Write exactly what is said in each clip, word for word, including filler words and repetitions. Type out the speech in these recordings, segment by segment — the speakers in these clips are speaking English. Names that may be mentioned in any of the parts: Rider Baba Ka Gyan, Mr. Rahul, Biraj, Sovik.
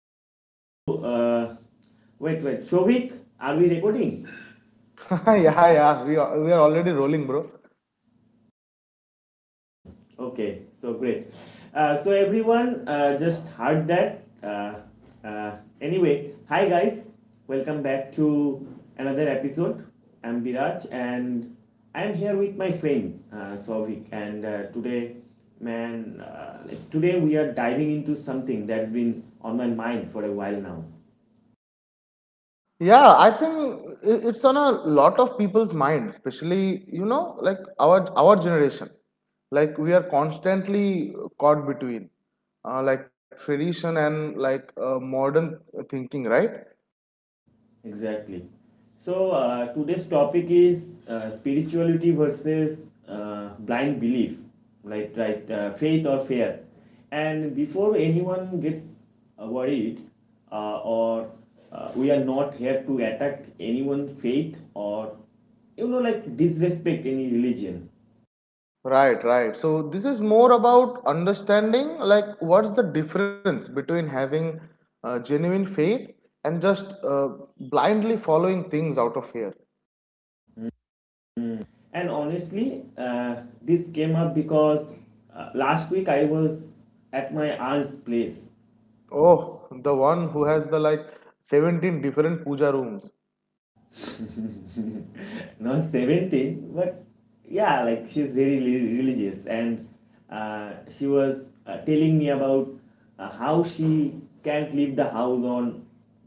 back to. Uh, wait, wait, Shovik, are we recording? Yeah, yeah, we are, we are already rolling, bro. Hmm. Okay, so great. Uh, so everyone uh, just heard that. Uh, uh, anyway, hi guys, welcome back to another episode. I'm Biraj and I'm here with my friend uh, Sovik, and uh, today, man, uh, like today we are diving into something that's been on my mind for a while now. Yeah, I think i- it's on a lot of people's mind, especially you know, like our our generation. Like we are constantly caught between, uh, like tradition and like uh, modern thinking, right? Exactly. So uh, today's topic is uh, spirituality versus uh, blind belief, right? Right, uh, faith or fear. And before anyone gets uh, worried, uh, or uh, we are not here to attack anyone's faith or you know like disrespect any religion. Right, right. So this is more about understanding, like what's the difference between having uh, genuine faith and just uh, blindly following things out of fear. And honestly, uh, this came up because uh, last week I was at my aunt's place. Oh, the one who has the like seventeen different puja rooms. Not seventeen, but yeah, like she's very religious and uh, she was uh, telling me about uh, how she can't leave the house on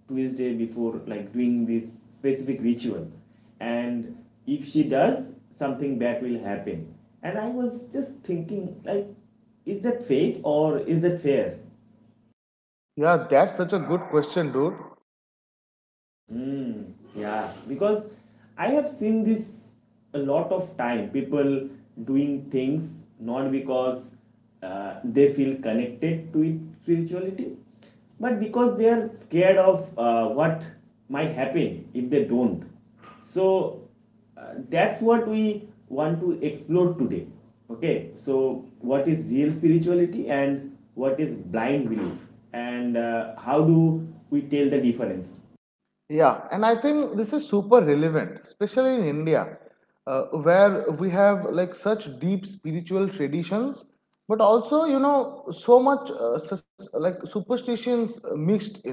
Tuesday before like doing this specific ritual, and if she does, something bad will happen. And I was just thinking, like, is that fate or is that fair? Yeah, that's such a good question, dude. Mm, yeah, because I have seen this a lot of time people doing things not because uh, they feel connected to it spirituality, but because they are scared of uh, what might happen if they don't. So uh, that's what we want to explore today. Okay, so what is real spirituality and what is blind belief, and uh, how do we tell the difference? Yeah, and I think this is super relevant, especially in India, uh, where we have like such deep spiritual traditions, but also, you know, so much uh, sus- like superstitions uh, mixed in.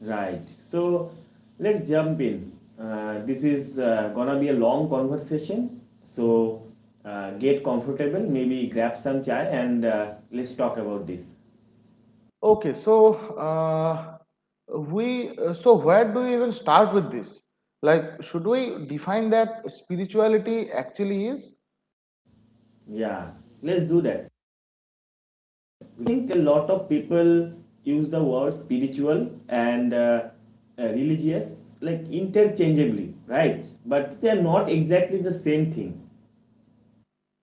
Right. So let's jump in. Uh, this is uh, gonna be a long conversation. So uh, get comfortable, maybe grab some chai and uh, let's talk about this. Okay, so uh, we uh, so where do we even start with this? Like, should we define that spirituality actually is? Yeah, let's do that. I think a lot of people use the word spiritual and uh, uh, religious like interchangeably, right? But they are not exactly the same thing.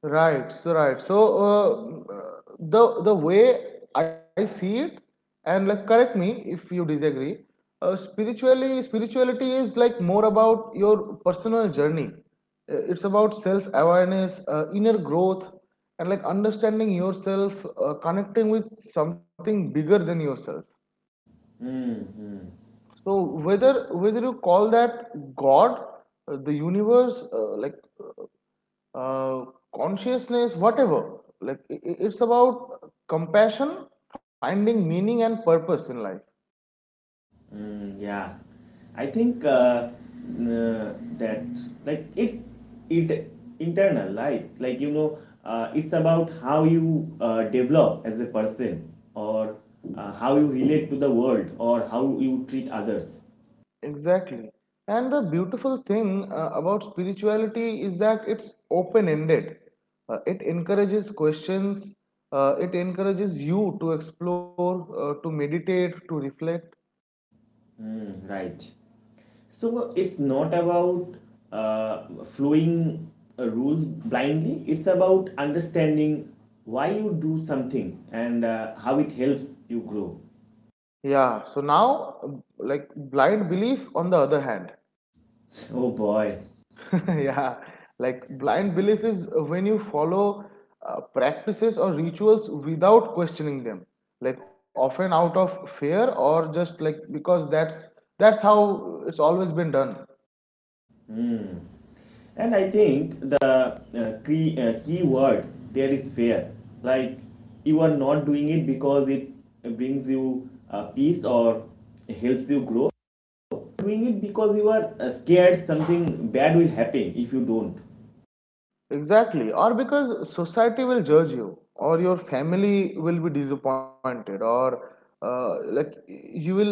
Right, so right. So uh, uh, the the way I see it, and like correct me if you disagree. Uh, spiritually, spirituality is like more about your personal journey. Uh, It's about self awareness, uh, inner growth, and like understanding yourself, uh, connecting with something bigger than yourself. Hmm. Hmm. So whether whether you call that God, uh, the universe, uh, like uh, consciousness, whatever. Like it's about compassion, finding meaning and purpose in life. Mm, yeah, I think uh, n- that like it's it internal, right? Like, you know, uh, it's about how you uh, develop as a person, or uh, how you relate to the world, or how you treat others. Exactly. And the beautiful thing uh, about spirituality is that it's open ended. It encourages questions. Uh, it encourages you to explore, uh, to meditate, to reflect. Mm, right. So it's not about uh, following uh, rules blindly. It's about understanding why you do something and uh, how it helps you grow. Yeah. So now, uh, like blind belief, on the other hand, Oh boy. yeah, like blind belief is when you follow uh, practices or rituals without questioning them, like often out of fear or just like because that's that's how it's always been done. Hmm. And I think the uh, key uh, key word there is fair. Like, you are not doing it because it brings you uh, peace or helps you grow. Doing it because you are uh, scared something bad will happen if you don't. Exactly, or because society will judge you or your family will be disappointed or uh, like you will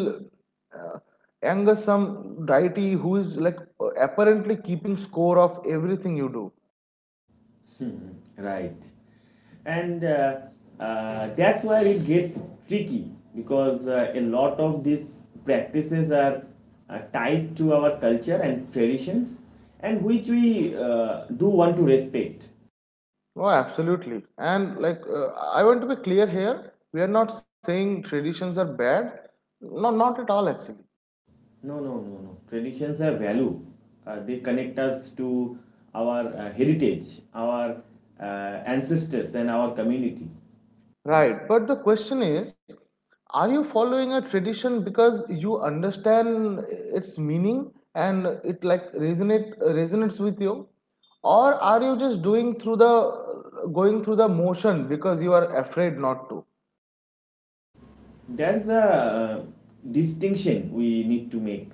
uh, anger some deity who is like apparently keeping score of everything you do. Right. And uh, uh, that's why it gets tricky because uh, a lot of these practices are uh, tied to our culture and traditions, and which we uh, do want to respect. No, absolutely. And like, uh, I want to be clear here. We are not saying traditions are bad. No, not at all, actually. No, no, no, no. Traditions have value. Uh, they connect us to our uh, heritage, our uh, ancestors, and our community. Right. But the question is, are you following a tradition because you understand its meaning and it like resonate resonates with you, or are you just doing through the going through the motion because you are afraid not to? That's the uh, distinction we need to make.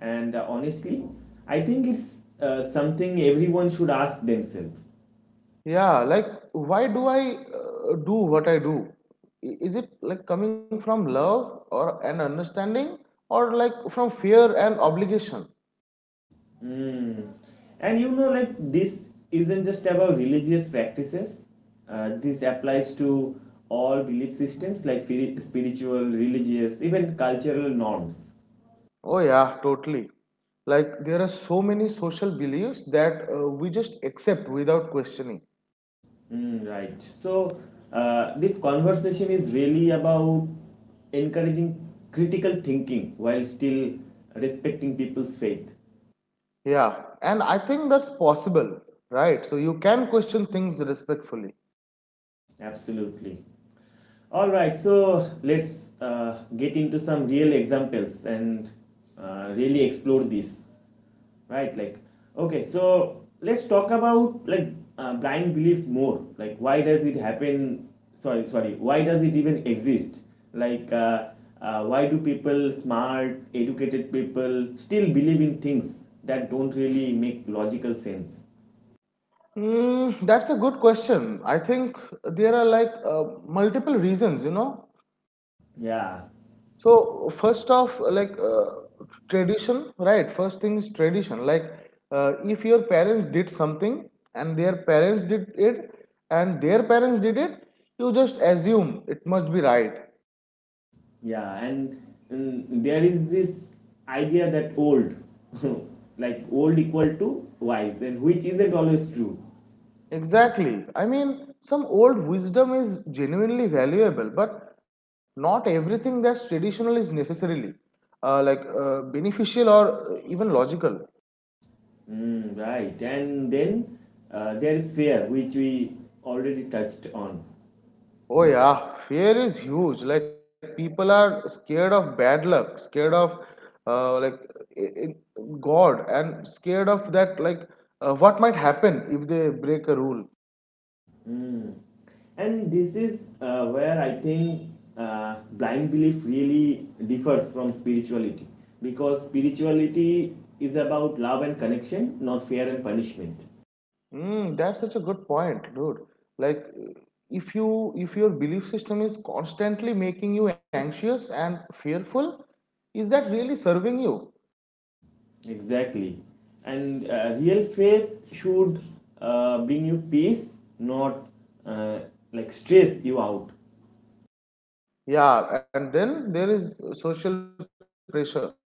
And uh, honestly, I think it's uh, something everyone should ask themselves. Yeah, like why do I uh, do what I do? I- Is it like coming from love or an understanding or like from fear and obligation? Mm. And you know, like this isn't just about religious practices. Uh, this applies to all belief systems like spiritual, religious, even cultural norms. Oh, yeah, totally. Like there are so many social beliefs that uh, we just accept without questioning. Mm, right. So, uh, this conversation is really about encouraging critical thinking while still respecting people's faith. Yeah, and I think that's possible, right? So you can question things respectfully. Absolutely. All right. So let's uh, get into some real examples and uh, really explore this. Right, like, okay, so let's talk about like uh, blind belief more, like why does it happen, sorry sorry why does it even exist, like uh, uh, why do people, smart educated people, still believe in things that don't really make logical sense? Hmm, that's a good question. I think there are like uh, multiple reasons, you know. Yeah, So first off, like uh, tradition, right? First thing is tradition. Like uh, if your parents did something and their parents did it and their parents did it, you just assume it must be right. yeah, and mm, there is this idea that old like old equal to wise, and which isn't always true. Exactly. I mean, some old wisdom is genuinely valuable, but not everything that's traditional is necessarily uh, like uh, beneficial or uh, even logical. Mm, right, and then uh, there is fear, which we already touched on. Oh yeah, fear is huge. Like people are scared of bad luck, scared of uh, like i- i- God, and scared of that like uh, what might happen if they break a rule. Mm. And this is uh, where I think uh, blind belief really differs from spirituality, because spirituality is about love and connection, not fear and punishment. Mm, that's such a good point, dude. Like if you if your belief system is constantly making you anxious and fearful, is that really serving you? Exactly. And uh, real faith should uh, bring you peace, not uh, like stress you out. Yeah, and then there is social pressure,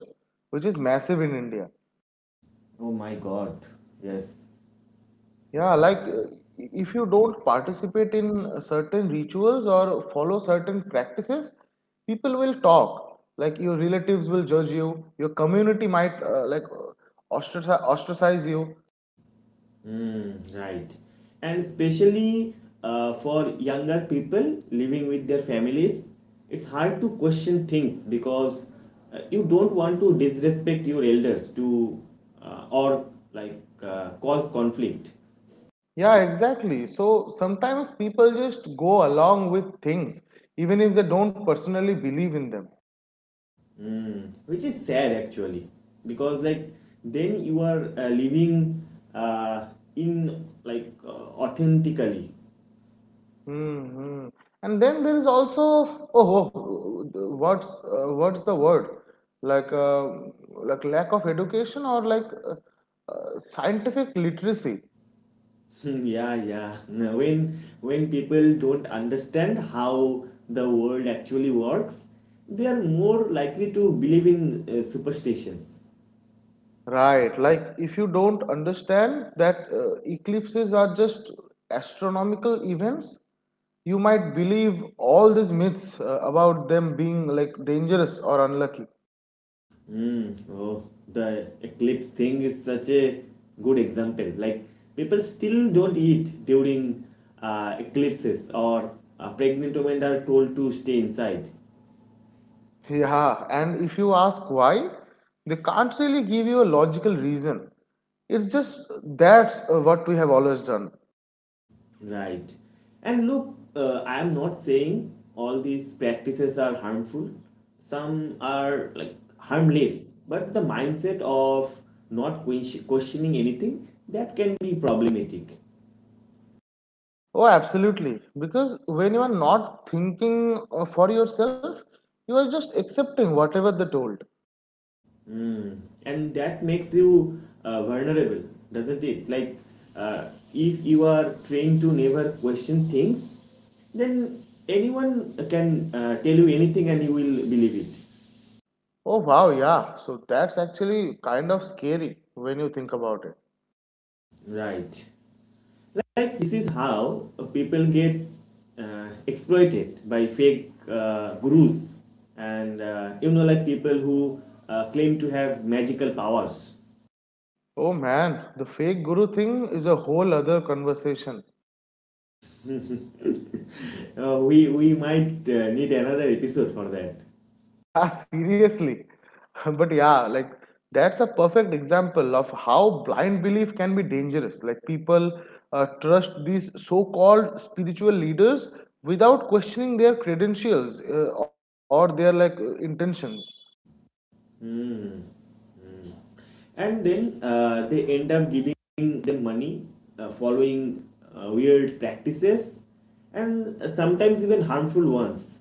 which is massive in India. Oh my god, yes. Yeah, like uh, if you don't participate in uh, certain rituals or follow certain practices, people will talk. Like your relatives will judge you, your community might uh, like uh, ostraci- ostracize you. Mm, right. And especially uh, for younger people living with their families, it's hard to question things because uh, you don't want to disrespect your elders to uh, or like uh, cause conflict, Yeah, exactly. So sometimes people just go along with things even if they don't personally believe in them. which is sad, actually, because like then you are uh, living uh, in like uh, authentically. Hmm. And then there is also oh, oh what's uh, what's the word, like uh, like lack of education or like uh, uh, scientific literacy, Hmm, yeah, yeah. No, When when people don't understand how the world actually works, they are more likely to believe in uh, superstitions. right? Like if you don't understand that uh, eclipses are just astronomical events, you might believe all these myths uh, about them being like dangerous or unlucky. Hmm. Oh, the eclipse thing is such a good example. Like, people still don't eat during uh, eclipses, or uh, pregnant women are told to stay inside. Yeah, and if you ask why, they can't really give you a logical reason. It's just that's uh, what we have always done. Right. And look, uh, I am not saying all these practices are harmful. Some are like harmless, but the mindset of not ques- questioning anything, that can be problematic. Oh, absolutely. Because when you are not thinking uh, for yourself, you are just accepting whatever they told. Mm. And that makes you uh, vulnerable, doesn't it? Like, uh, if you are trained to never question things, then anyone can uh, tell you anything and you will believe it. Oh, wow, yeah. So that's actually kind of scary when you think about it. Right. Like, this is how uh, people get uh, exploited by fake uh, gurus and uh, you know like people who uh, claim to have magical powers. Oh man, the fake guru thing is a whole other conversation. Uh, we we might uh, need another episode for that. Yeah, seriously. But yeah, like that's a perfect example of how blind belief can be dangerous. Like people uh, trust these so called spiritual leaders without questioning their credentials uh, or their like uh, intentions. Hmm. Hmm. And then uh, they end up giving them money, uh, following uh, weird practices, and uh, sometimes even harmful ones.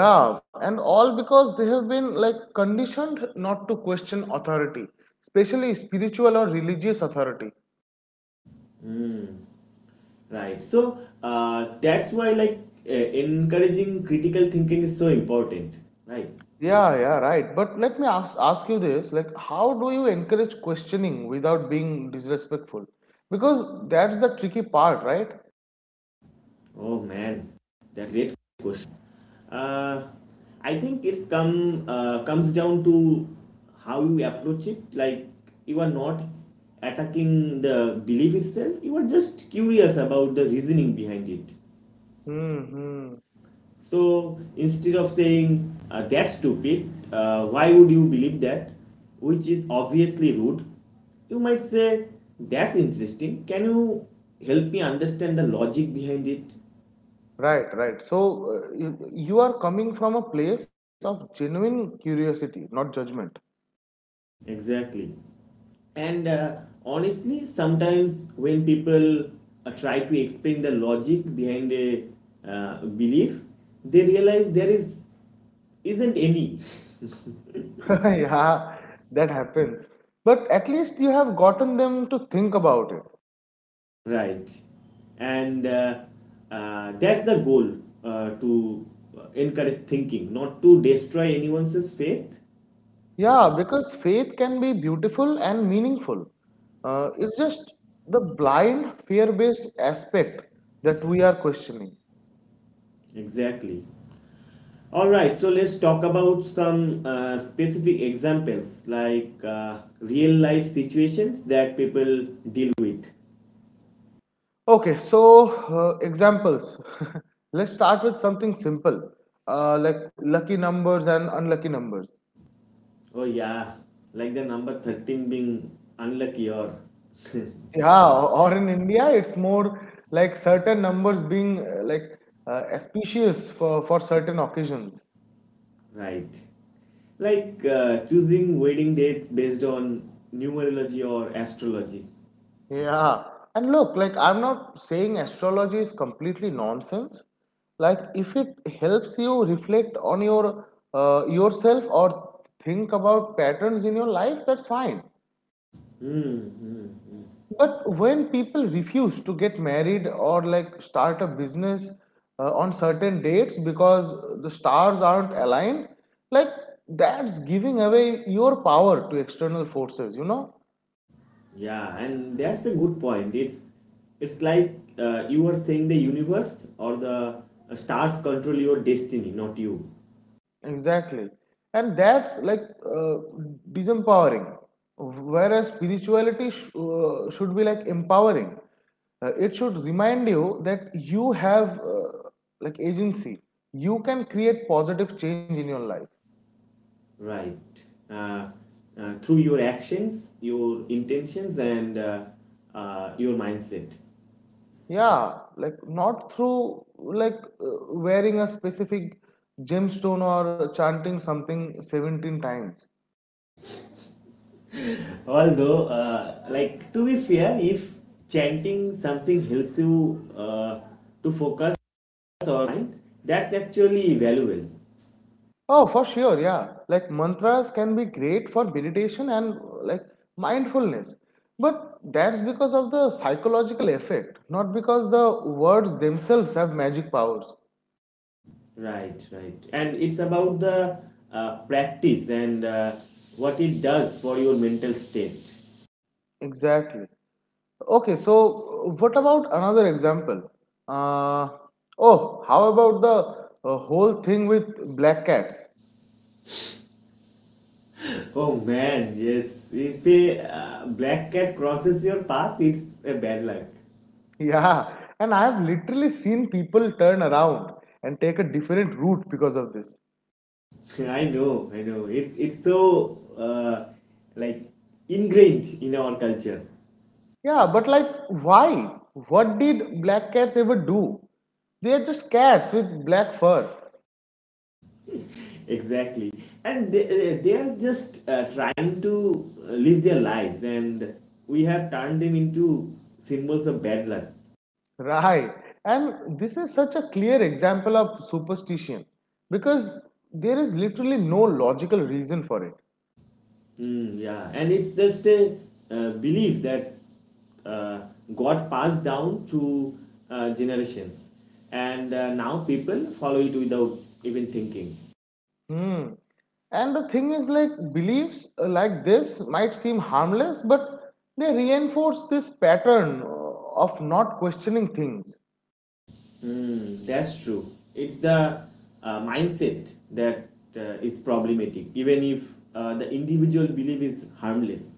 Yeah, and all because they have been like conditioned not to question authority, especially spiritual or religious authority. Hmm. Right. So uh, that's why like uh, encouraging critical thinking is so important. Right. Yeah, yeah, right. But let me ask ask you this, like how do you encourage questioning without being disrespectful? Because that's the tricky part, right? Oh man, that's a great question. Uh, I think it's come uh, comes down to how you approach it. Like, you are not attacking the belief itself. You are just curious about the reasoning behind it. Mm-hmm. So instead of saying, uh, that's stupid, uh, why would you believe that, which is obviously rude, you might say, that's interesting. Can you help me understand the logic behind it? Right, right. So uh, you, you are coming from a place of genuine curiosity, not judgment. Exactly. And uh, honestly, sometimes when people uh, try to explain the logic behind a uh, belief, they realize there is isn't any. Yeah, that happens. But at least you have gotten them to think about it. Right. And uh, uh, that's the goal, uh, to encourage thinking, not to destroy anyone's faith. I Yeah, think. because faith can be beautiful and meaningful. Uh, it's just the blind fear based aspect that we are questioning. Exactly. All right, so let's talk about some uh, specific examples, like uh, real life situations that people deal with. Okay, so uh, examples. Let's start with something simple uh, like lucky numbers and unlucky numbers. Oh, yeah, like the number thirteen being unlucky, or Yeah, or in India, it's more like certain numbers being uh, like uh, auspicious for, for certain occasions. right. Like, uh, choosing wedding dates based on numerology or astrology. Yeah. And look, like I'm not saying astrology is completely nonsense. Like if it helps you reflect on your uh, yourself or think about patterns in your life, that's fine. Mm, mm. But when people refuse to get married or like start a business uh, on certain dates because the stars aren't aligned, like that's giving away your power to external forces, you know? Yeah, and that's a good point. It's it's like, uh, you are saying the universe or the uh, stars control your destiny, not you, Exactly. And that's like uh, disempowering. Whereas spirituality sh- uh, should be like empowering. Uh, it should remind you that you have uh, like agency. You can create positive change in your life. right? Uh, uh, Through your actions, your intentions, and uh, uh, your mindset. Yeah, like not through like uh, wearing a specific gemstone or chanting something seventeen times. Although, uh, like to be fair, if chanting something helps you uh, to focus or mind, that's actually valuable. Oh, for sure, yeah. Like mantras can be great for meditation and uh, like mindfulness. But that's because of the psychological effect, not because the words themselves have magic powers. Right, right. And it's about the uh, practice and uh, what it does for your mental state. Exactly. Okay, so uh, what about another example? Uh, oh, how about the uh, whole thing with black cats? Oh man, yes. If a uh, black cat crosses your path, it's a bad luck. Yeah, and I have literally seen people turn around and take a different route because of this. I know, I know. It's it's so uh, like ingrained in our culture. Yeah, but like, why? What did black cats ever do? They are just cats with black fur. Exactly. And they, they are just uh, trying to live their lives and we have turned them into symbols of bad luck. Right. And this is such a clear example of superstition because there is literally no logical reason for it. Mm, yeah, and it's just a uh, belief that uh, got passed down through uh, generations, and uh, now people follow it without even thinking. Hmm. And the thing is, like, beliefs uh, like this might seem harmless, but they reinforce this pattern uh, of not questioning things. Mm, that's true. It's the uh, mindset that uh, is problematic, even if uh, the individual belief is harmless.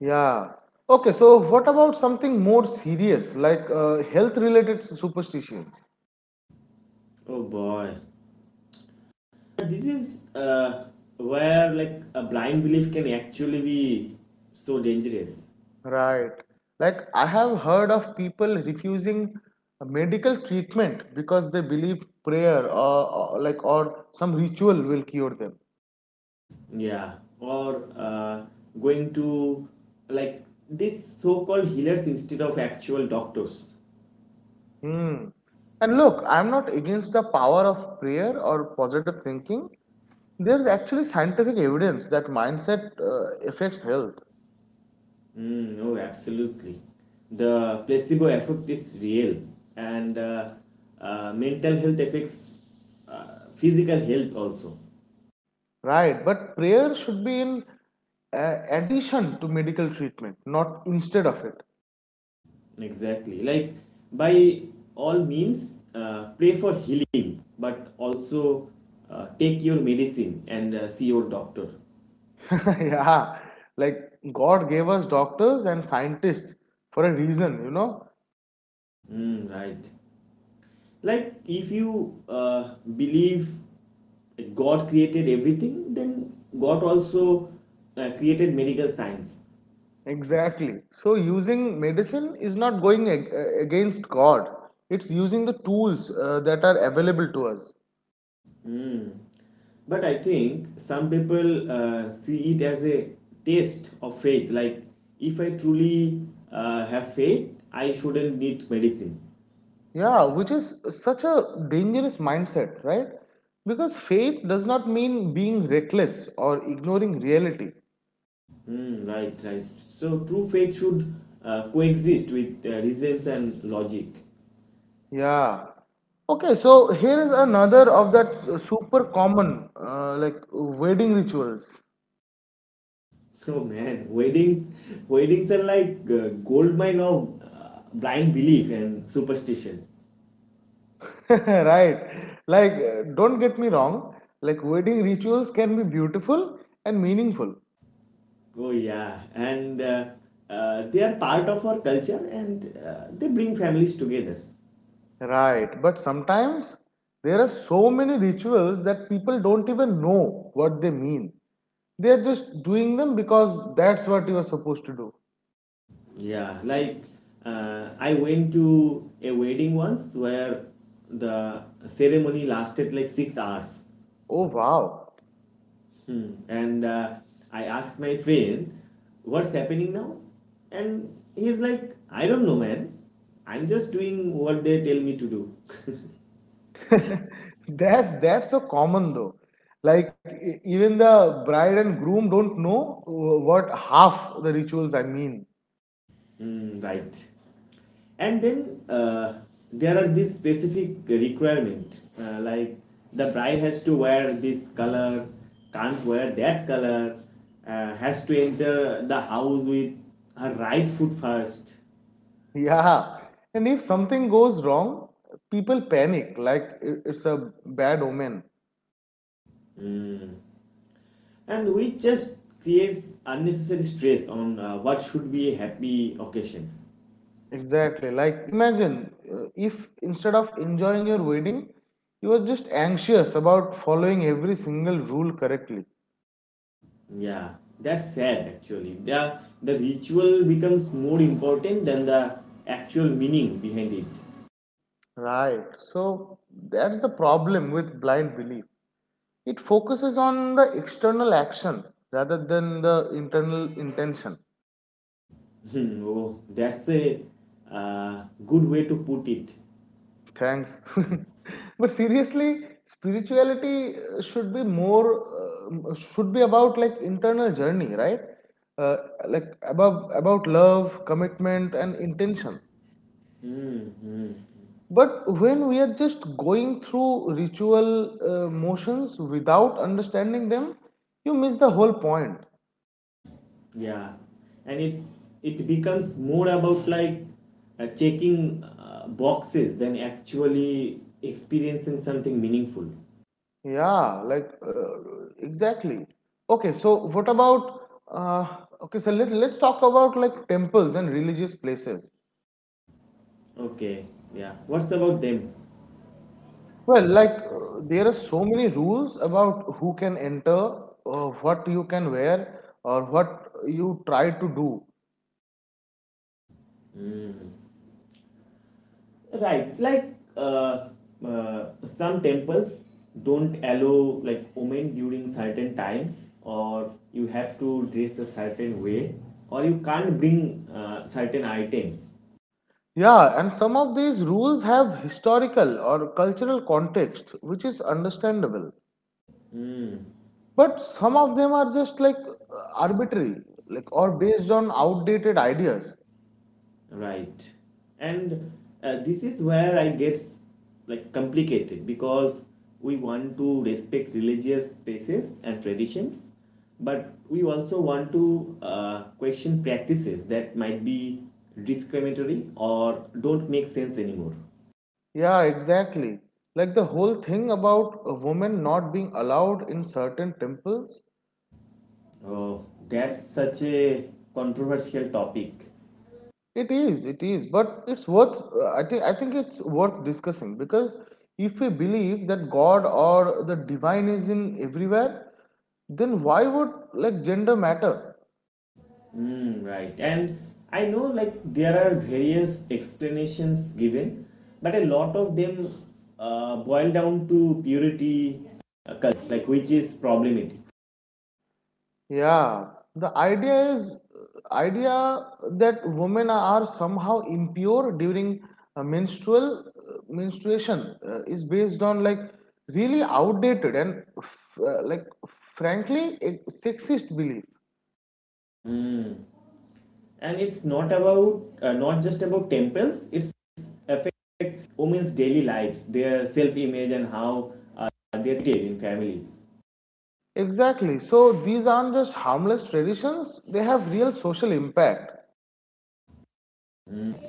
Yeah. Okay, so what about something more serious like uh, health related superstitions? Oh boy, this is uh, where like a blind belief can actually be so dangerous. Right. Like, I have heard of people refusing medical treatment because they believe prayer or, or like or some ritual will cure them. Yeah, or uh, going to like this so called healers instead of actual doctors. Hmm. And look, I'm not against the power of prayer or positive thinking. There's actually scientific evidence that mindset uh, affects health. Mm, oh, absolutely. The placebo effect is real, and uh, uh, mental health affects uh, physical health also. Right, but prayer should be in uh, addition to medical treatment, not instead of it. Exactly. Like, by all means, uh, pray for healing, but also uh, take your medicine and uh, see your doctor. Yeah, like God gave us doctors and scientists for a reason, you know. Mm, right. Like, if you uh, believe that God created everything, then God also uh, created medical science. Exactly. So using medicine is not going ag- uh, against God. It's using the tools uh, that are available to us. But I think some people uh, see it as a test of faith, like, if I truly uh, have faith, I shouldn't need medicine. Yeah, which is such a dangerous mindset, right? Because faith does not mean being reckless or ignoring reality. Hmm. Right, right. So true faith should uh, coexist with uh, reasons and logic. Yeah. Okay, so here is another of that s- super common uh, like wedding rituals. Oh man, weddings, weddings are like uh, gold mine of uh, blind belief and superstition. Right. Like uh, don't get me wrong, like wedding rituals can be beautiful and meaningful. Oh yeah, and uh, uh, they are part of our culture and uh, they bring families together. Right, but sometimes there are so many rituals that people don't even know what they mean. They are just doing them because that's what you are supposed to do. Yeah, like, uh, I went to a wedding once where the ceremony lasted like six hours. Oh wow. Hmm. And uh, I asked my friend, what's happening now? And he's like, I don't know, man. I'm just doing what they tell me to do. That's that's so common though. Like e- even the bride and groom don't know uh, what half the rituals I mean. Hmm, right. And then uh, there are these specific requirement, uh, like, the bride has to wear this color, can't wear that color, uh, has to enter the house with her right foot first. Yeah. And if something goes wrong, people panic like i- it's a bad omen. And which just creates unnecessary stress on uh, what should be a happy occasion. Exactly. Like imagine uh, if instead of enjoying your wedding, you were just anxious about following every single rule correctly. Yeah, that's sad actually. The, the ritual becomes more important than the actual meaning behind it. Right. So that's the problem with blind belief. It focuses on the external action rather than the internal intention. Hmm, oh, that's a uh, good way to put it. Thanks. But seriously, spirituality uh, should be more, um, uh, should be about like internal journey, right? Uh, like above, about love, commitment, and intention. Hmm, But when we are just going through ritual uh, motions without understanding them, you miss the whole point. yeah, and it's it becomes more about like uh, checking uh, boxes than actually experiencing something meaningful. Yeah, like uh, exactly. Okay, so what about uh, okay, so let, let's talk about like temples and religious places. Okay, yeah, what's about them? Well, like uh, there are so many rules about who can enter, uh, what you can wear, or what you try to do. Right, like uh, uh, some temples don't allow like women during certain times, or you have to dress a certain way, or you can't bring uh, certain items. Yeah, and some of these rules have historical or cultural context, which is understandable. But some of them are just like uh, arbitrary, like or based on outdated ideas. Right. And uh, this is where I get like complicated because we want to respect religious spaces and traditions, but we also want to uh, question practices that might be discriminatory or don't make sense anymore. Yeah, exactly. Like the whole thing about a woman not being allowed in certain temples. Oh, that's such a controversial topic. It is, it is, but it's worth. Uh, I think I think it's worth discussing because if we believe that God or the divine is in everywhere, then why would like gender matter? Mm, right. And I know like there are various explanations given, but a lot of them uh, boil down to purity, uh, cult, like which is problematic. Yeah, the idea is idea that women are somehow impure during uh, menstrual uh, menstruation uh, is based on like really outdated and f- uh, like frankly a sexist belief. Mm. And it's not about uh, not just about temples. It's affects women's daily lives, their self-image, and how uh, they're treated in families. Exactly. So these aren't just harmless traditions; they have real social impact.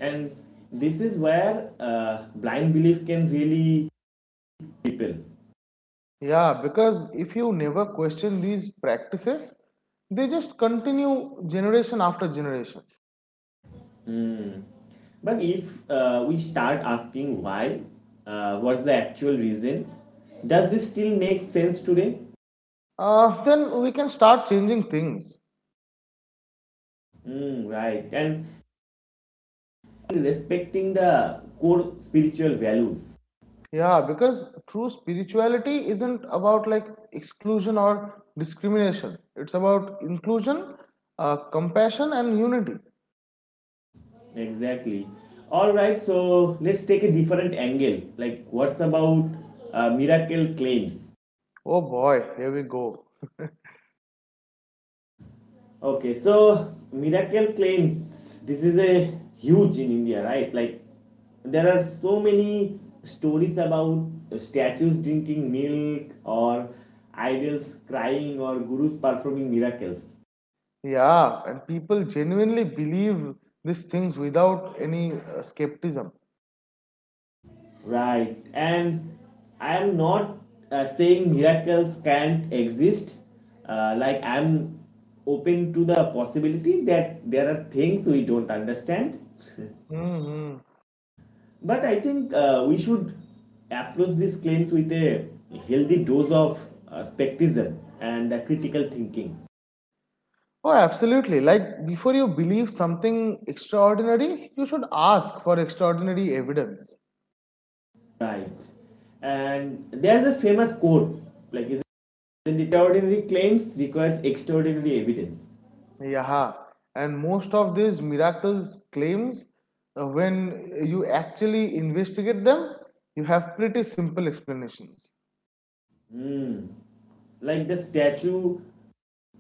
And this is where uh, blind belief can really people. Yeah, because if you never question these practices, they just continue generation after generation. But if uh, we start asking why, uh, what's the actual reason, does this still make sense today? Uh, then we can start changing things. Mm, right, and respecting the core spiritual values. Yeah, because true spirituality isn't about like exclusion or discrimination. It's about inclusion, uh, compassion, and unity. Exactly. All right, so let's take a different angle. Like, what's about uh, miracle claims? Oh boy, here we go. Okay, so miracle claims, this is a huge in India, right? Like there are so many stories about statues drinking milk or idols crying or gurus performing miracles. Yeah, and people genuinely believe these things without any uh, skepticism. Right. And I am not uh, saying miracles can't exist. Uh, like I'm open to the possibility that there are things we don't understand. Hmm. But I think uh, we should approach these claims with a healthy dose of uh, skepticism and uh, critical thinking. Oh, absolutely. Like before you believe something extraordinary, you should ask for extraordinary evidence. Right. And there's a famous quote like, isn't it extraordinary claims requires extraordinary evidence? Yeah, and most of these miracles claims, uh, when you actually investigate them, you have pretty simple explanations. Like the statue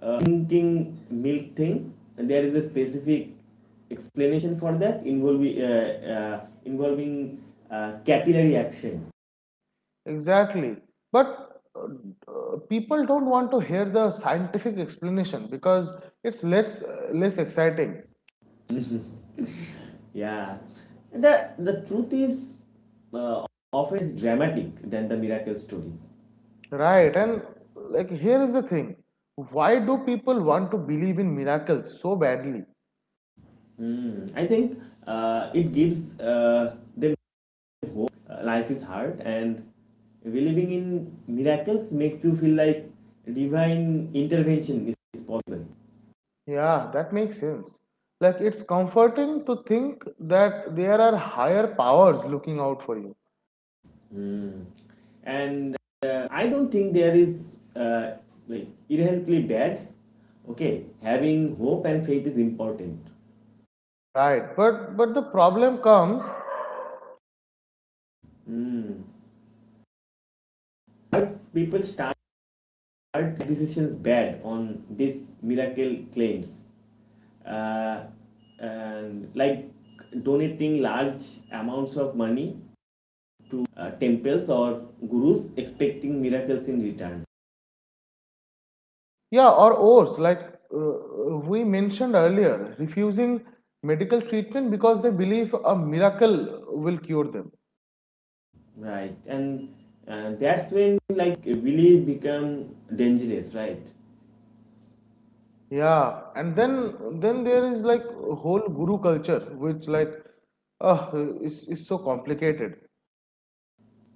uh, drinking milk thing, there is a specific explanation for that involving, uh, uh, involving uh, capillary action. Exactly. But uh, uh, people don't want to hear the scientific explanation because it's less uh, less exciting, Yeah, the the truth is uh, often is dramatic than the miracle story. right? And like here is the thing, why do people want to believe in miracles so badly? Hmm. I think uh, it gives uh, them hope. Uh, life is hard, and believing in miracles makes you feel like divine intervention is possible. Yeah, that makes sense. Like, it's comforting to think that there are higher powers looking out for you. Hmm. And uh, I don't think there is uh, like inherently bad. Okay, having hope and faith is important. Right, but but the problem comes, Hmm. But people start are decisions bad on these miracle claims? Uh, and like donating large amounts of money to uh, temples or gurus expecting miracles in return. yeah, or worse, like uh, we mentioned earlier, refusing medical treatment because they believe a miracle will cure them. Right. And uh, that's when like really become dangerous, right? Yeah, and then then there is like whole guru culture, which like uh, is is so complicated.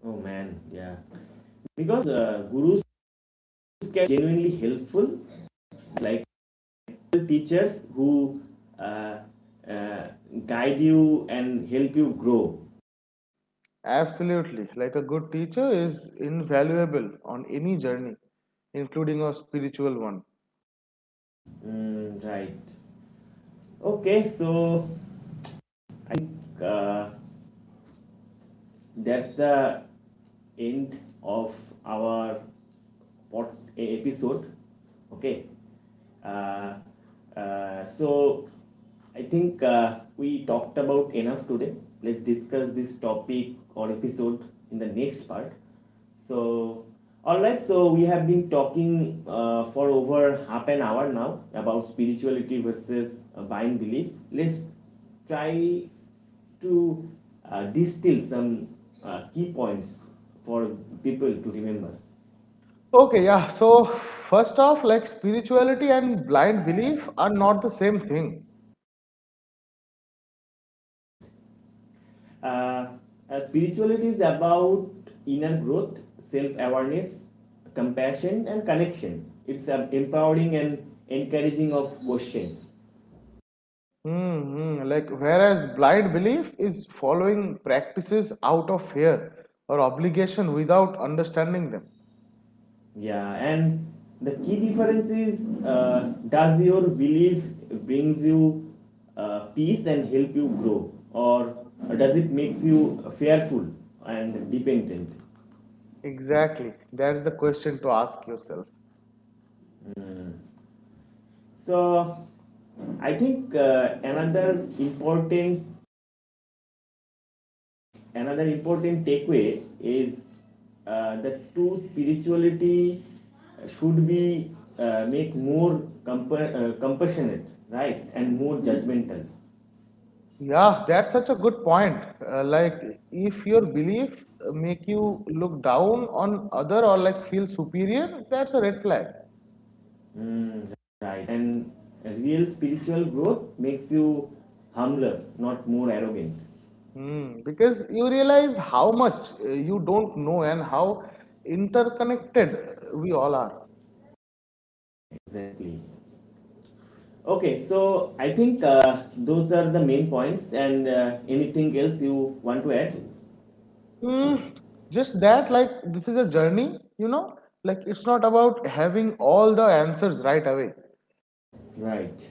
Oh man, yeah. Because uh, gurus can be genuinely helpful, like teachers who uh, uh, guide you and help you grow. Absolutely. Like a good teacher is invaluable on any journey, including a spiritual one. Mm, right. Okay, so I think uh, that's the end of our pod- e- episode. Okay, uh, uh, so I think uh, we talked about enough today. Let's discuss this topic or episode in the next part. So all right, so we have been talking uh, for over half an hour now about spirituality versus uh, buying belief. Let's try to uh, distill some uh, key points for people to remember. Okay, yeah. So, first off, like spirituality and blind belief are not the same thing. Right. Uh, uh, Spirituality is about inner growth, self awareness, compassion, and connection. It's uh, empowering and encouraging of questions. Hmm. Like, whereas blind belief is following practices out of fear or obligation without understanding them. Yeah, and the key difference is uh, does your belief brings you uh, peace and help you grow, or does it makes you fearful and dependent? Exactly. That's the question to ask yourself. So I think uh, another important another important takeaway is uh, that true spirituality should be uh, make more compa- uh, compassionate, right, and more judgmental. Yeah, that's such a good point. Uh, like, if your belief uh, make you look down on other or like feel superior, that's a red flag. Mm, right, and real spiritual growth makes you humbler, not more arrogant. Hmm. Because you realize how much uh, you don't know and how interconnected uh, we all are. Exactly. Okay, so I think uh, those are the main points, and uh, anything else you want to add? Hmm. Just that, like, this is a journey, you know. Like, it's not about having all the answers right away. Right.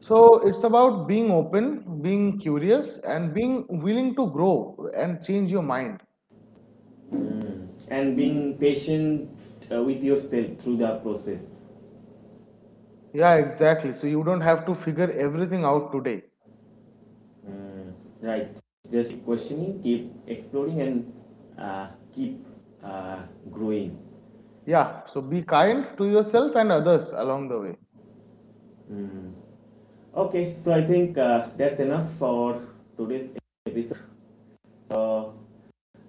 So it's about being open, being curious, and being willing to grow and change your mind. And being patient uh, with yourself through the process. Yeah, exactly. So you don't have to figure everything out today. Mm, right. Just keep questioning, keep exploring, and uh, keep uh, growing. Yeah, so be kind to yourself and others along the way. Mm. Okay, so I think uh, that's enough for today's episode. So,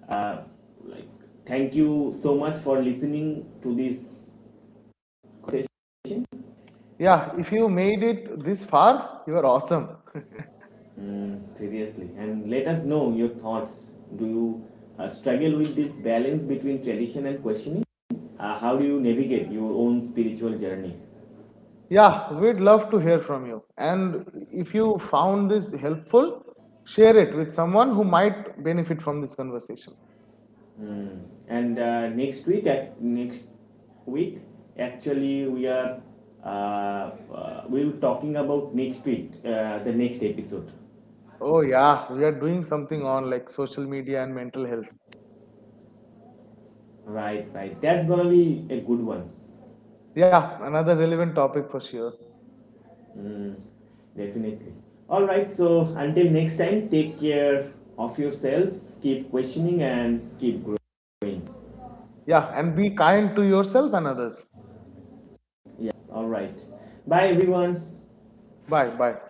uh, like, thank you so much for listening to this session. Yeah, if you made it this far, you are awesome. Mm, seriously. And let us know your thoughts. Do you uh, struggle with this balance between tradition and questioning? Uh, how do you navigate your own spiritual journey? Yeah, we'd love to hear from you. And if you found this helpful, share it with someone who might benefit from this conversation. Mm. And uh, next week, at next week, actually, we are uh, uh, we will talking about next week, uh, the next episode. Oh, yeah, we are doing something on like social media and mental health. Right, right. That's gonna be a good one. Yeah, another relevant topic for sure. Mm, definitely. All right. So until next time, take care of yourselves. Keep questioning and keep growing. Yeah, and be kind to yourself and others. Yes. All right. Bye, everyone. Bye, bye.